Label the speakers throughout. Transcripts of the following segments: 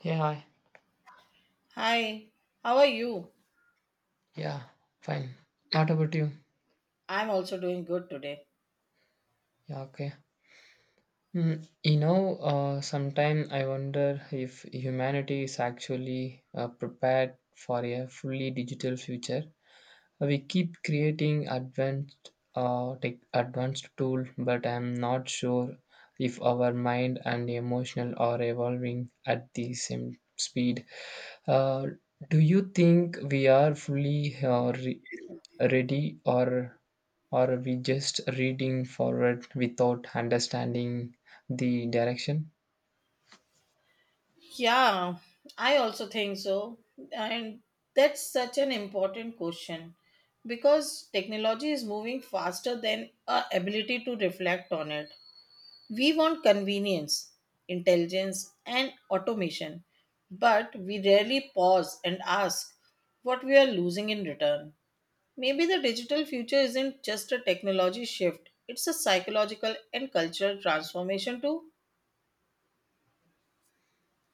Speaker 1: Yeah, hi.
Speaker 2: Hi, how are you?
Speaker 1: Yeah, fine. What about you?
Speaker 2: I'm also doing good today.
Speaker 1: Yeah, okay. Sometime I wonder if humanity is actually prepared for a fully digital future. We keep creating advanced, tech, advanced tool, but I'm not sure if our mind and emotional are evolving at the same speed. Uh, do you think we are fully ready, or are we just reading forward without understanding the direction?
Speaker 2: Yeah, I also think so. And that's such an important question because technology is moving faster than our ability to reflect on it. We want convenience, intelligence, and automation, but we rarely pause and ask what we are losing in return. Maybe the digital future isn't just a technology shift, it's a psychological and cultural transformation too.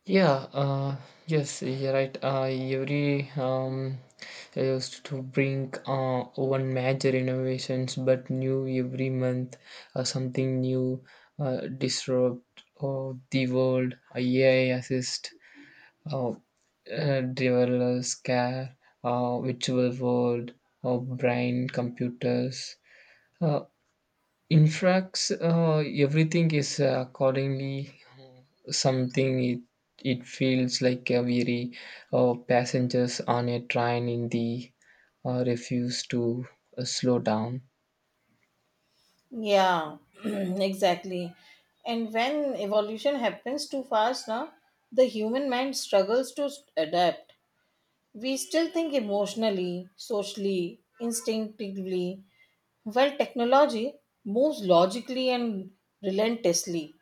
Speaker 1: Yeah, yes, you're right. Every, I used to bring one major innovations but new every month. Something new disrupt the world. A ai assist, uh, developers care, virtual world, brain computers. Uh, In fact, everything is accordingly something. It feels like a weary passengers on a train in the, refuse to slow down.
Speaker 2: Yeah, exactly. And when evolution happens too fast, now the human mind struggles to adapt. We still think emotionally, socially, instinctively, while technology moves logically and relentlessly.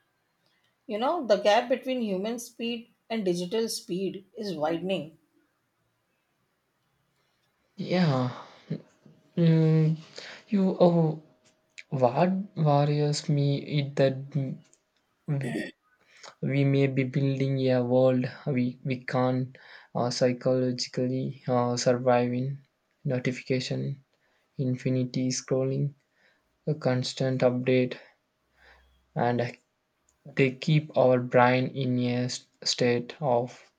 Speaker 2: You know, the gap between human speed and digital speed is widening.
Speaker 1: Yeah. mm, you Oh, what worries me is that, mm, we may be building a world we can't psychologically survive in. Notification, infinity scrolling, a constant update, and they keep our brain in a state of,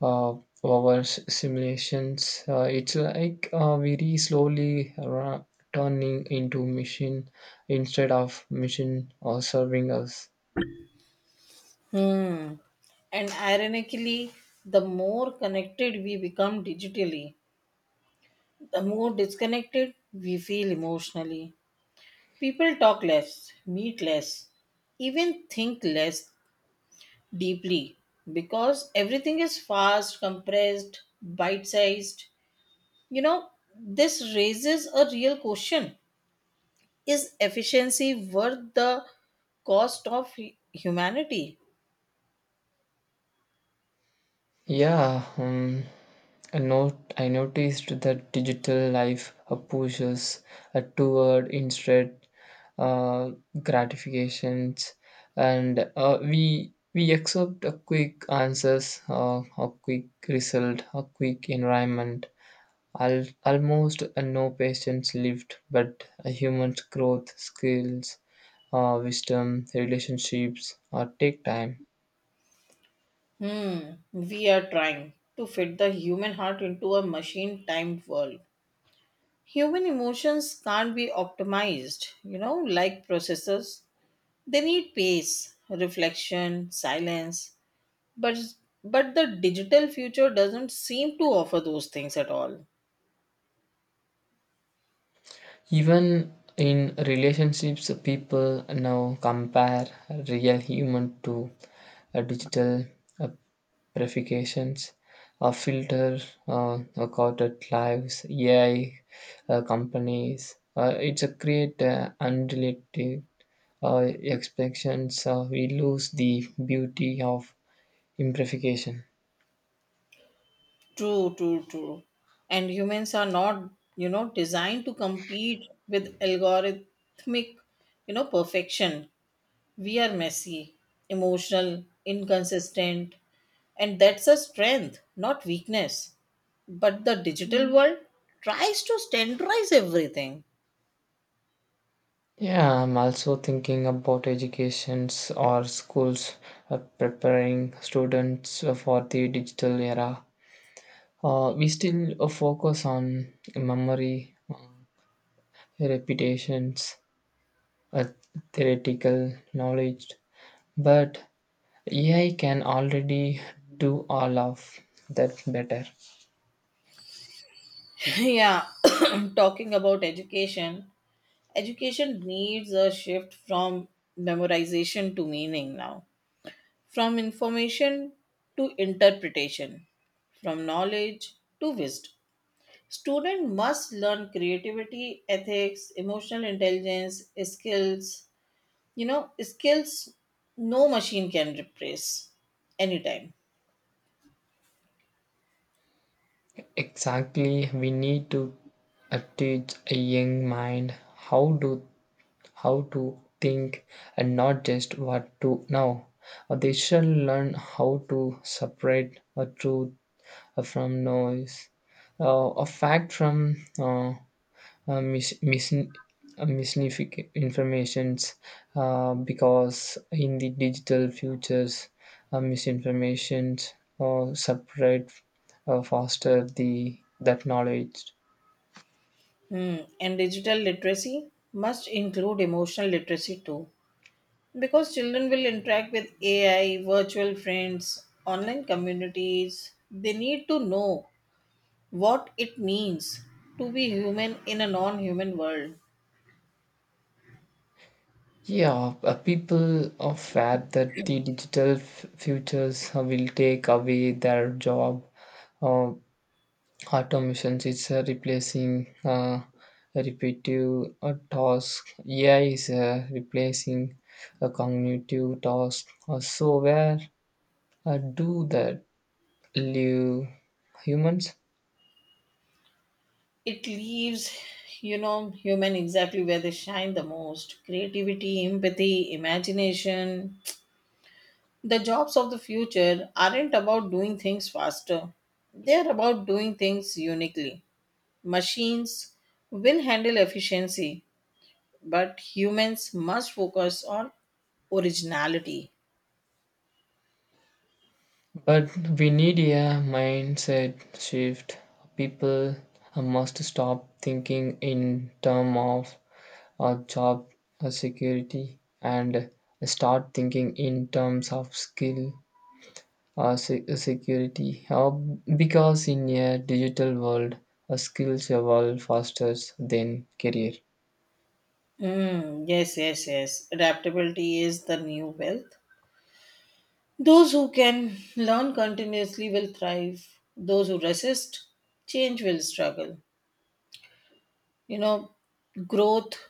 Speaker 1: uh, our simulations. It's like very slowly turning into machine instead of machine or serving us.
Speaker 2: Hmm. And ironically, the more connected we become digitally, the more disconnected we feel emotionally. People talk less, meet less, even think less deeply because everything is fast, compressed, bite sized. You know, this raises a real question. Is efficiency worth the cost of humanity?
Speaker 1: Yeah, I not I noticed that digital life pushes toward instant uh, gratifications, and we accept a quick answers, a quick result, a quick environment. Almost no patience lived, but a human's growth, skills, wisdom, relationships, take time.
Speaker 2: Hmm, we are trying to fit the human heart into a machine timed world. Human emotions can't be optimized, you know, like processors. They need pace, reflection, silence. But but the digital future doesn't seem to offer those things at all.
Speaker 1: Even in relationships, people now compare real human to digital uh, purifications, filter, recorded lives, AI companies. It's a create unrelated uh, expectations. We lose the beauty of imperfection.
Speaker 2: True, true, true. And humans are not, you know, designed to compete with algorithmic, you know, perfection. We are messy, emotional, inconsistent, and that's a strength, not weakness. But the digital world tries to standardize everything.
Speaker 1: Yeah, I'm also thinking about educations or schools preparing students for the digital era. We still focus on memory, repetitions, uh, theoretical knowledge, but AI can already do all of that better.
Speaker 2: Yeah, talking about education, education needs a shift from memorization to meaning now, from information to interpretation, from knowledge to wisdom. Student must learn creativity, ethics, emotional intelligence, skills. You know, skills no machine can replace anytime.
Speaker 1: Exactly, we need to teach a young mind how to think, and not just what to know. They shall learn how to separate a truth from noise, uh, a fact from informations, because in the digital futures, misinformations separate faster the that knowledge.
Speaker 2: Hmm. And digital literacy must include emotional literacy too. Because children will interact with AI, virtual friends, online communities. They need to know what it means to be human in a non human world.
Speaker 1: Yeah, people are fed that the digital futures will take away their job. Uh, automations is replacing repetitive tasks. AI is replacing a cognitive task. So where do that live humans?
Speaker 2: It leaves, you know, human exactly where they shine the most: creativity, empathy, imagination. The jobs of the future aren't about doing things faster, they're about doing things uniquely. Machines will handle efficiency, but humans must focus on originality.
Speaker 1: But we need a mindset shift. People must stop thinking in terms of job security, and start thinking in terms of skill security. Because in a digital world, skills evolve faster than career.
Speaker 2: Mm, yes, yes, yes. Adaptability is the new wealth. Those who can learn continuously will thrive. Those who resist change will struggle. You know, growth,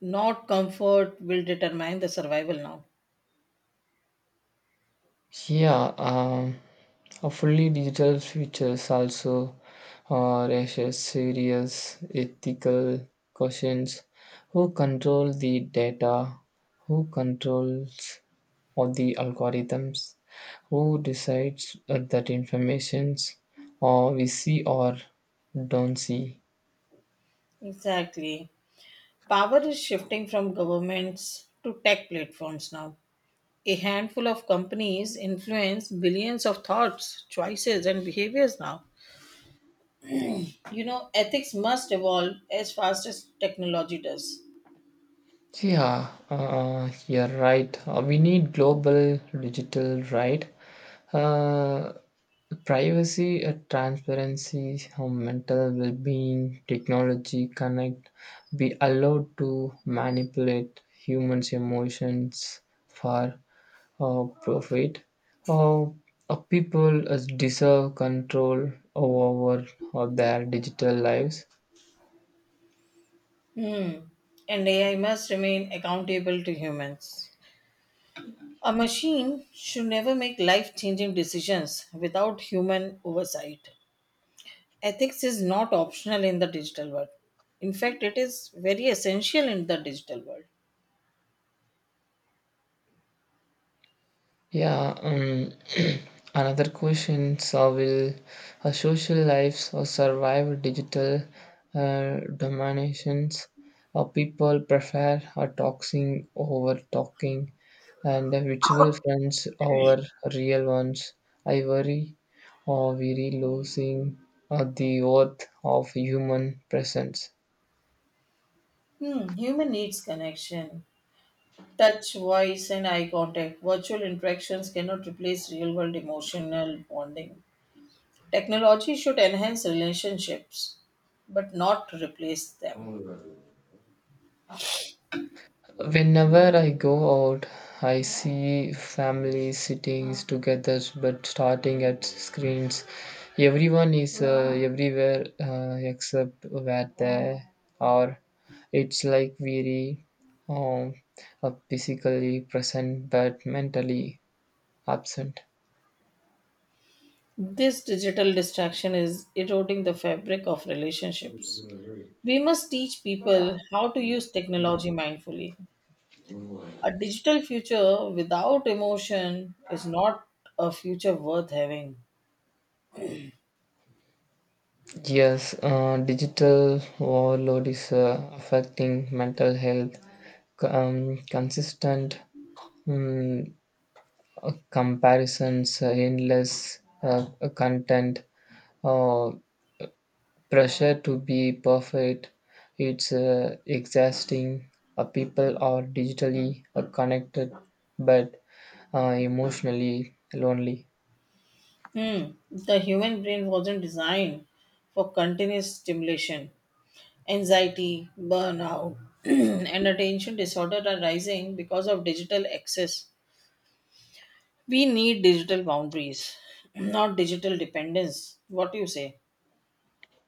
Speaker 2: not comfort, will determine the survival now.
Speaker 1: Yeah, a fully digital futures also raises serious ethical questions. Who control the data? Who controls all the algorithms? Who decides that informations or we see or don't see?
Speaker 2: Exactly. Power is shifting from governments to tech platforms now. A handful of companies influence billions of thoughts, choices, and behaviors now. You know, ethics must evolve as fast as technology does.
Speaker 1: Yeah, you're right. We need global digital right. Uh, privacy, transparency, how mental well-being, technology connect, be allowed to manipulate humans' emotions for profit. Uh, people deserve control over, over their digital lives.
Speaker 2: Hmm. And AI must remain accountable to humans. A machine should never make life changing decisions without human oversight. Ethics is not optional in the digital world. In fact, it is very essential in the digital world.
Speaker 1: Yeah, another question. So, will our social lives or survive digital dominations? Or people prefer a talking over talking, and the virtual friends over real ones? I worry, or we losing the worth of human presence.
Speaker 2: Hmm, human needs connection, touch, voice, and eye contact. Virtual interactions cannot replace real world emotional bonding. Technology should enhance relationships, but not replace them.
Speaker 1: Whenever I go out, I see families sitting together but starting at screens. Everyone is everywhere except where they are. It's like weary, um, physically present but mentally absent.
Speaker 2: This digital distraction is eroding the fabric of relationships. We must teach people how to use technology mindfully. A digital future without emotion is not a future worth having.
Speaker 1: Yes, digital overload is affecting mental health. Consistent mm, comparisons, endless content, uh, pressure to be perfect. It's exhausting. People are digitally connected but emotionally lonely.
Speaker 2: Hmm. The human brain wasn't designed for continuous stimulation. Anxiety, burnout, and attention disorder are rising because of digital access. We need digital boundaries, not digital dependence. What do you say?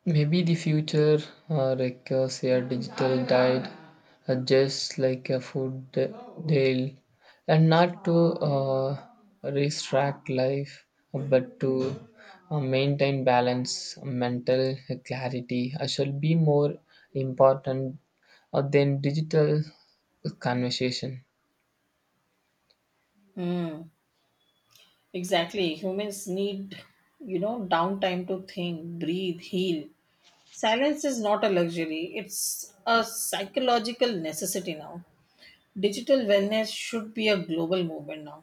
Speaker 1: Maybe the future requires a shared digital diet, just like a food deal, and not to uh, restrict life, but to maintain balance. Mental clarity shall be more important than digital conversation.
Speaker 2: Hmm. Exactly. Humans need, you know, downtime to think, breathe, heal. Silence is not a luxury, it's a psychological necessity now. Digital wellness should be a global movement now.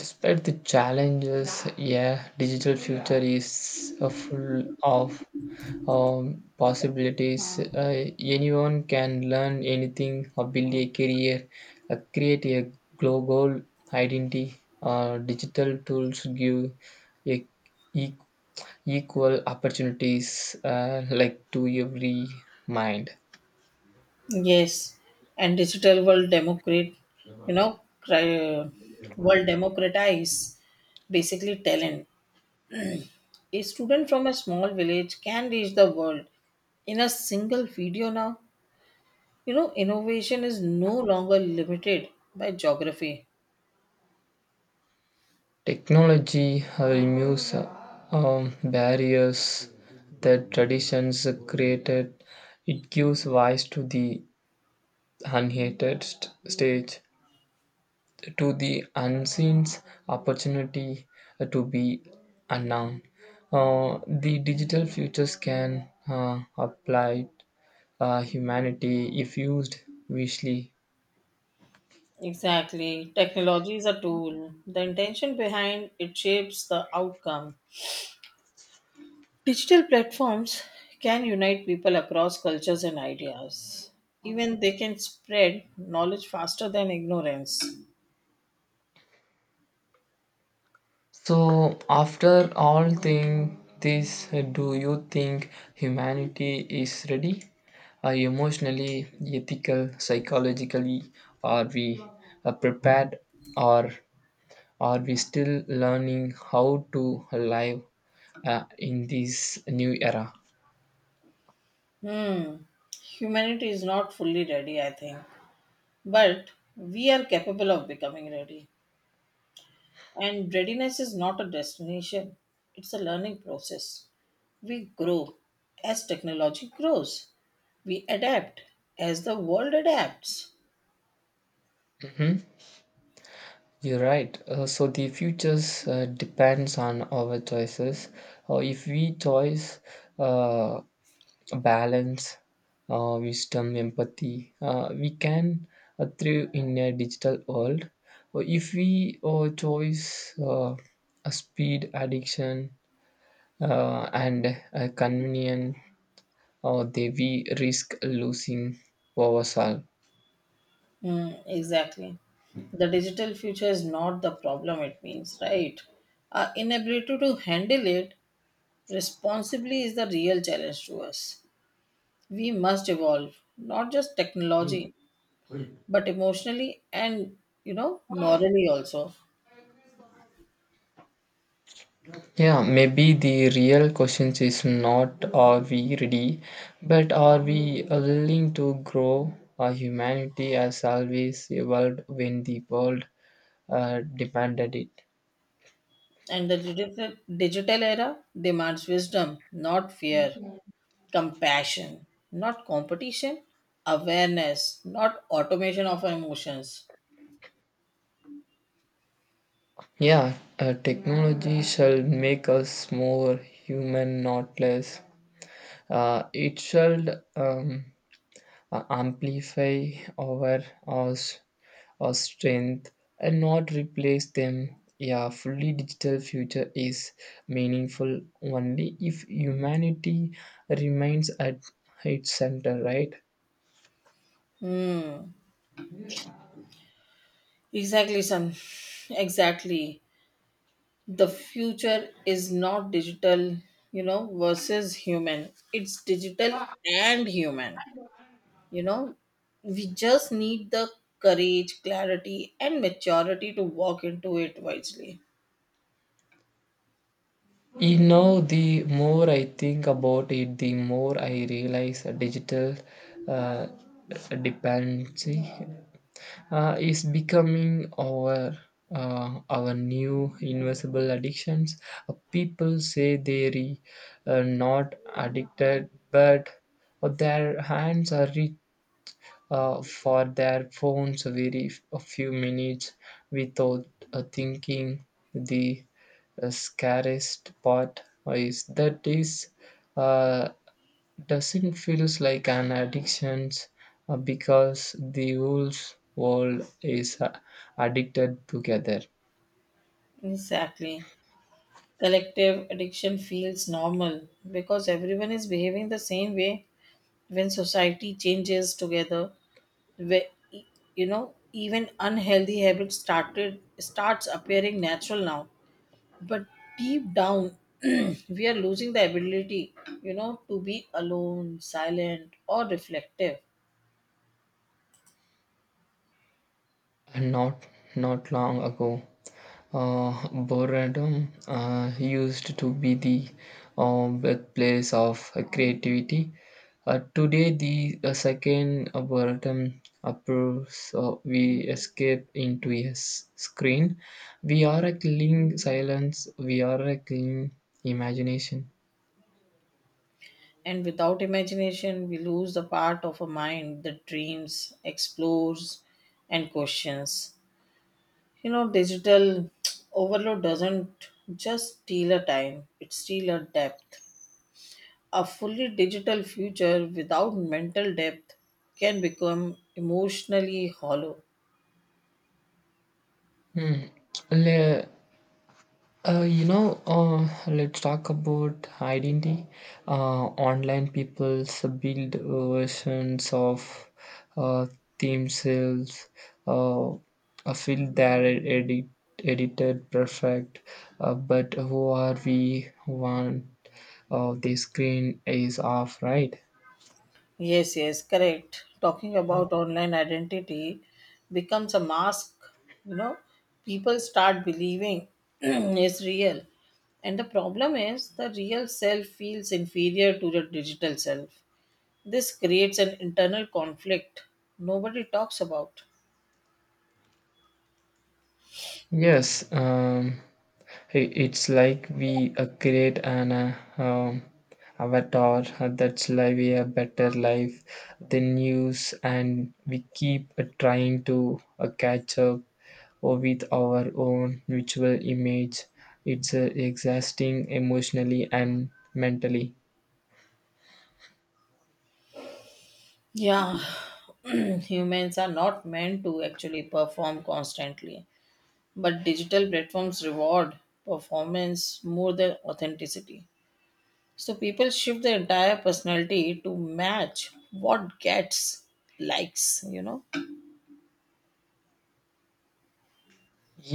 Speaker 1: Despite the challenges, yeah, digital future is full of possibilities. Anyone can learn anything or build a career, create a global identity. Digital tools give e- e- equal opportunities like to every mind.
Speaker 2: Yes, and digital world democrat, you know, world democratize basically talent. A student from a small village can reach the world in a single video now. You know, innovation is no longer limited by geography.
Speaker 1: Technology removes barriers that traditions created. It gives voice to the unhated stage, to the unseen opportunity to be unknown. The digital futures can apply humanity if used wisely.
Speaker 2: Exactly. Technology is a tool. The intention behind it shapes the outcome. Digital platforms can unite people across cultures and ideas. Even they can spread knowledge faster than ignorance.
Speaker 1: So, after all thing this, do you think humanity is ready? Emotionally, ethical, psychologically, are we prepared, or are we still learning how to live in this new era?
Speaker 2: Hmm. Humanity is not fully ready, I think. But we are capable of becoming ready. And readiness is not a destination, it's a learning process. We grow as technology grows, we adapt as the world adapts.
Speaker 1: You're right. So the futures depends on our choices. If we choice uh, balance, wisdom, empathy, we can thrive in a digital world. Or if we choose a speed, addiction, and convenience, or they we risk losing ourselves.
Speaker 2: Mm, exactly. The digital future is not the problem, it means, right? Our inability to handle it responsibly is the real challenge to us. We must evolve, not just technology, but emotionally and, you know, morally also.
Speaker 1: Yeah, maybe the real question is not are we ready, but are we willing to grow? Our humanity has always evolved when the world demanded it.
Speaker 2: And the digital era demands wisdom, not fear, compassion, not competition, awareness, not automation of our emotions.
Speaker 1: Yeah, technology shall make us more human, not less. It shall um, amplify our, our, s- our strength and not replace them. Yeah, fully digital future is meaningful only if humanity remains at its center, right?
Speaker 2: Hmm. Exactly, son. Exactly. The future is not digital, you know, versus human. It's digital and human. You know, we just need the courage, clarity, and maturity to walk into it wisely.
Speaker 1: You know, the more I think about it, the more I realize a digital uh, dependency is becoming our new invisible addictions. People say they re, not addicted, but their hands are reached for their phones very a few minutes without thinking. The scariest part is that is. Uh, doesn't feel like an addiction because the whole world is addicted together.
Speaker 2: Exactly. Collective addiction feels normal because everyone is behaving the same way when society changes together, where you know, even unhealthy habits started starts appearing natural now. But deep down we are losing the ability, you know, to be alone, silent, or reflective.
Speaker 1: And not long ago, boredom used to be the birthplace of creativity. Today, the second boredom approves we escape into a screen. We are a cling silence. We are a cling imagination.
Speaker 2: And without imagination we lose the part of a mind that dreams, explores, and questions. You know, digital overload doesn't just steal a time, it steals a depth. A fully digital future without mental depth can become emotionally hollow.
Speaker 1: Hmm. Le- let's talk about identity. Online people's build versions of uh, themselves, uh, feel their edited perfect, but who are we? One of the screen is off, right?
Speaker 2: Yes, yes, correct. Talking about online identity becomes a mask, you know, people start believing is real. And the problem is the real self feels inferior to the digital self. This creates an internal conflict nobody talks about.
Speaker 1: Yes, it's like we create an avatar that's live a better life than news, and we keep trying to catch up or with our own virtual image. It's exhausting emotionally and mentally.
Speaker 2: Yeah, humans are not meant to actually perform constantly. But digital platforms reward performance more than authenticity. So people shift their entire personality to match what gets likes, you know?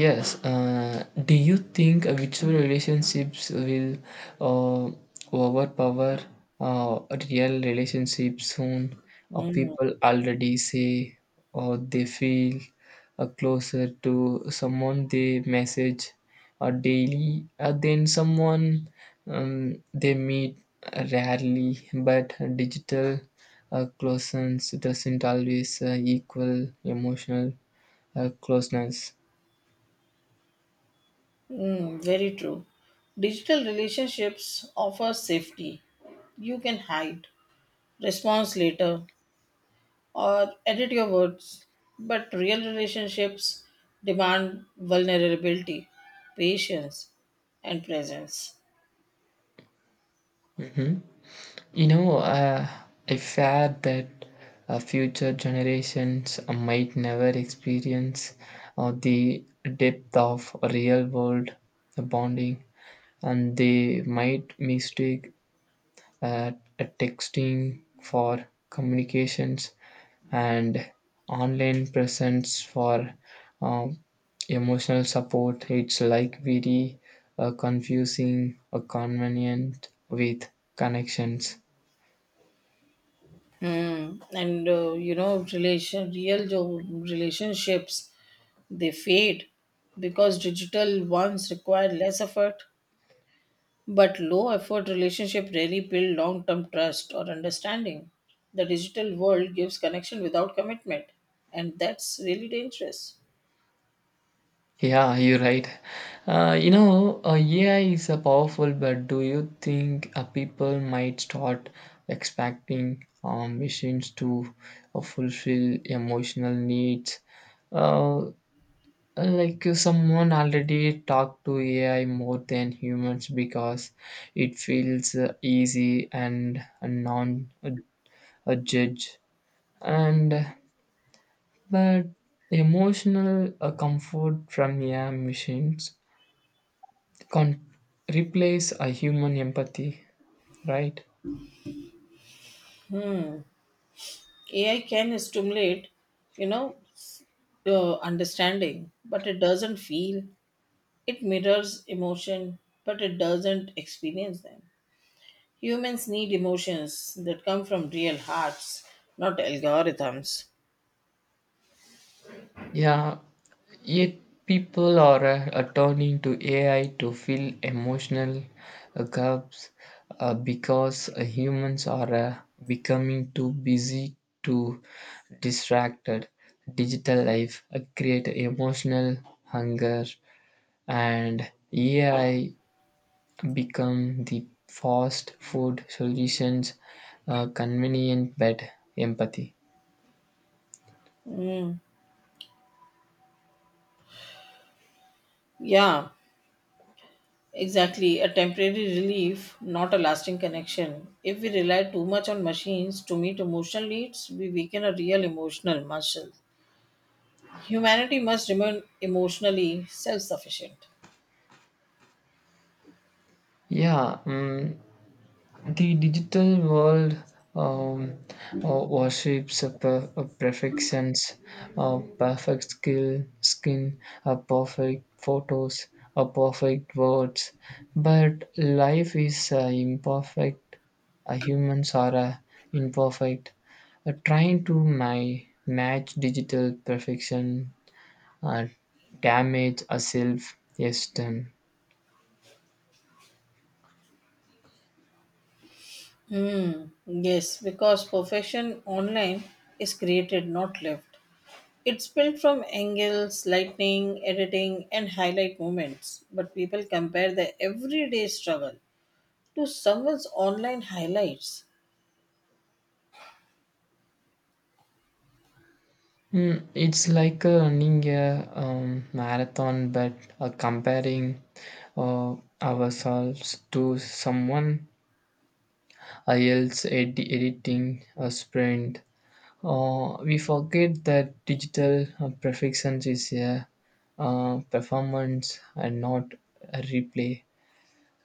Speaker 1: Yes. Do you think virtual relationships will uh, overpower uh, real relationships soon? Or
Speaker 2: Mm,
Speaker 1: people already say or they feel closer to someone they message or daily than someone they meet rarely. But digital closeness doesn't always equal emotional closeness.
Speaker 2: mm, very true. Digital relationships offer safety. You can hide, response later, or edit your words. But real relationships demand vulnerability, patience, and presence.
Speaker 1: Hmm? You know, I fear that future generations might never experience the depth of real world bonding, and they might mistake uh, texting for communications and online presence for um, emotional support. It's like very confusing or convenient with connections.
Speaker 2: Mm. And you know, relation real relationships they fade because digital ones require less effort, but low effort relationship rarely build long term trust or understanding. The digital world gives connection without commitment, and that's really dangerous.
Speaker 1: Yeah, you're right. AI is a powerful, but do you think people might start expecting machines to fulfill emotional needs? Uh, like someone already talked to AI more than humans because it feels easy, and a non a judge, and but emotional comfort from AI machines can't replace a human empathy, right?
Speaker 2: AI can stimulate, you know, understanding, but it doesn't feel. It mirrors emotion, but it doesn't experience them. Humans need emotions that come from real hearts, not algorithms.
Speaker 1: Yeah, yet people are turning to AI to fill emotional gaps because humans are becoming too busy to distracted. Digital life create emotional hunger, and AI become the fast food solutions, convenient but empathy.
Speaker 2: Yeah, exactly. A temporary relief, not a lasting connection. If we rely too much on machines to meet emotional needs, we weaken a real emotional muscle. Humanity must remain emotionally self sufficient.
Speaker 1: Yeah. The digital world um, worships a perfections, a perfect skin, a perfect photos, a perfect words. But life is imperfect. Humans are imperfect. Trying to my match digital perfection uh, damage a self esteem.
Speaker 2: Yes, because perfection online is created, not lived. It's built from angles, lighting, editing, and highlight moments, but people compare their everyday struggle to someone's online highlights.
Speaker 1: It's like running a marathon, but comparing ourselves to someone else editing a sprint. We forget that digital perfection is a performance and not a replay.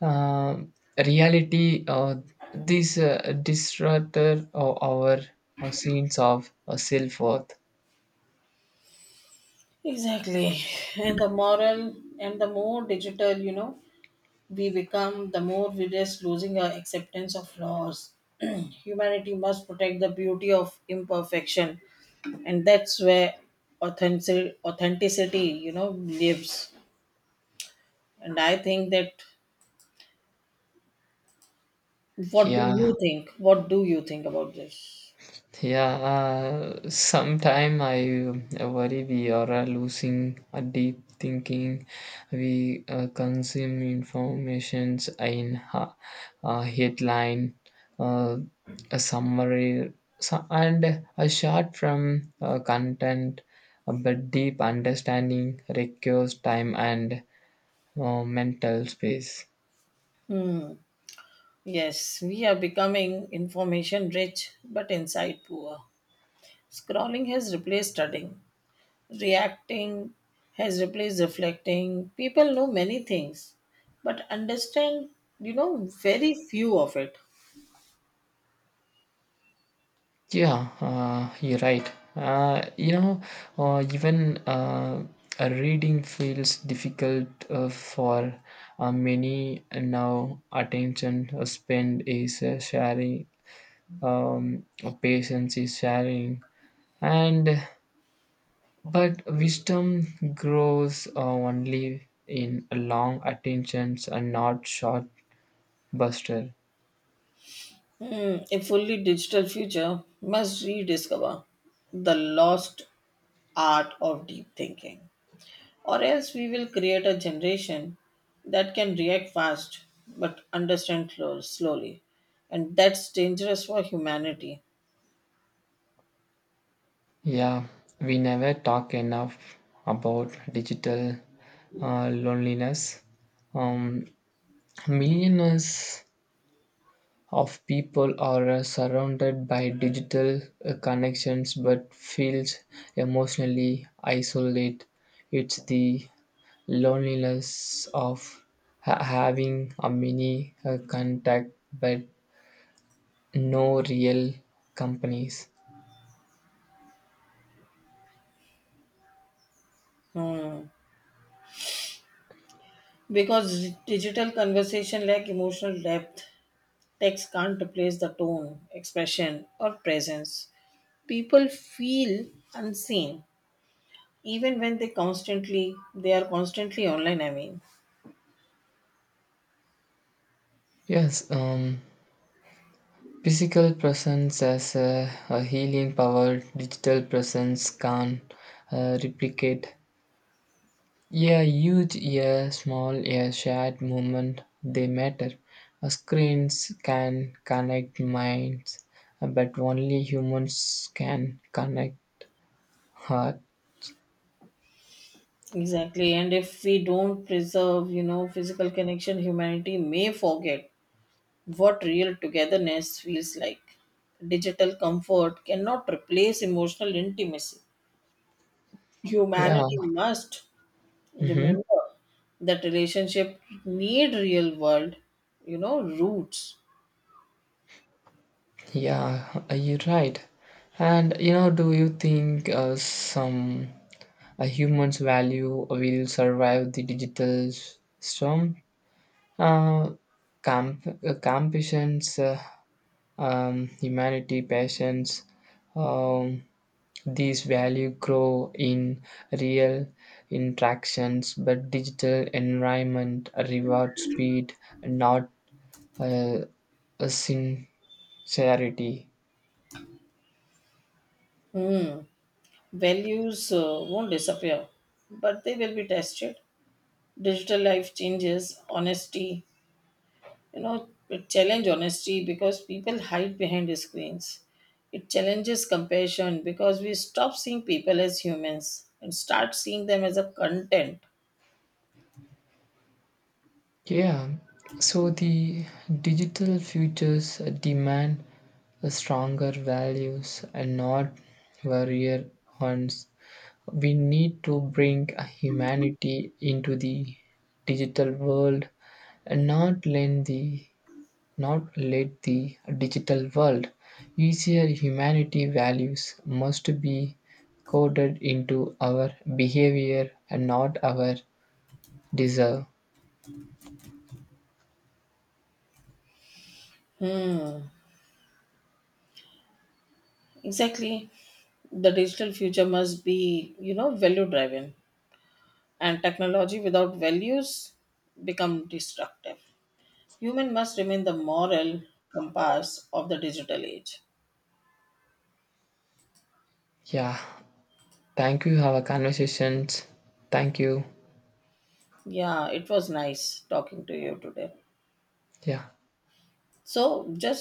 Speaker 1: Uh, reality, this disruptor of our sense of self worth.
Speaker 2: Exactly. And the moral and the more digital, you know, we become, the more we risk losing our acceptance of flaws. Humanity must protect the beauty of imperfection, and that's where authenticity, you know, lives. And I think that. What do
Speaker 1: Yeah,
Speaker 2: you think? What do you think about this?
Speaker 1: yeah. Sometime I worry we are losing a deep thinking. We consume informations in a headline, uh, a summary, so, and a short from content. But deep understanding requires time and mental space.
Speaker 2: Hmm. Yes, we are becoming information rich but insight poor. Scrolling has replaced studying. Reacting has replaced reflecting. People know many things but understand, you know, very few of it.
Speaker 1: Yeah, you're right. Uh, you know, even reading feels difficult for many now. Attention spend is sharing, um, patience is sharing, and but wisdom grows only in long attentions and not short buster.
Speaker 2: Hmm. A fully digital future must rediscover the lost art of deep thinking. Or else we will create a generation that can react fast but understand slow, slowly. And that's dangerous for humanity.
Speaker 1: Yeah, we never talk enough about digital loneliness. Um, millions of people are surrounded by digital connections but feels emotionally isolated. It's the loneliness of having a mini contact but no real companies.
Speaker 2: Hmm. Because digital conversation lack emotional depth, text can't replace the tone, expression, or presence. People feel unseen, even when they are constantly online. I mean,
Speaker 1: Yes, physical presence has a healing power digital presence can't replicate. A huge, a small, a shared moment, they matter. Screens can connect minds, but only humans can connect heart.
Speaker 2: exactly. And if we don't preserve, you know, physical connection, humanity may forget what real togetherness feels like. Digital comfort cannot replace emotional intimacy.
Speaker 1: Yeah,
Speaker 2: Humanity must
Speaker 1: hmm,
Speaker 2: remember that relationship need real world, you know, roots.
Speaker 1: yeah, you're right. And you know, do you think some a human's value will survive the digital storm? Uh, compassions, humanity, passions, um, these value grow in real interactions, but digital environment reward speed, not uh, a sincerity.
Speaker 2: Hmm. Values won't disappear, but they will be tested. Digital life changes, honesty. You know, it challenge honesty because people hide behind screens. It challenges compassion because we stop seeing people as humans and start seeing them as a content.
Speaker 1: Yeah, so the digital futures demand stronger values, and not warrior ones. We need to bring humanity into the digital world, and not let the digital world easier humanity. Values must be coded into our behavior and not our desire.
Speaker 2: Hmm. Exactly. The digital future must be, you know, value driven. And technology without values become destructive. Human must remain the moral compass of the digital age.
Speaker 1: Yeah, thank you. Our conversations. Thank you.
Speaker 2: Yeah, it was nice talking to you today.
Speaker 1: Yeah.
Speaker 2: So just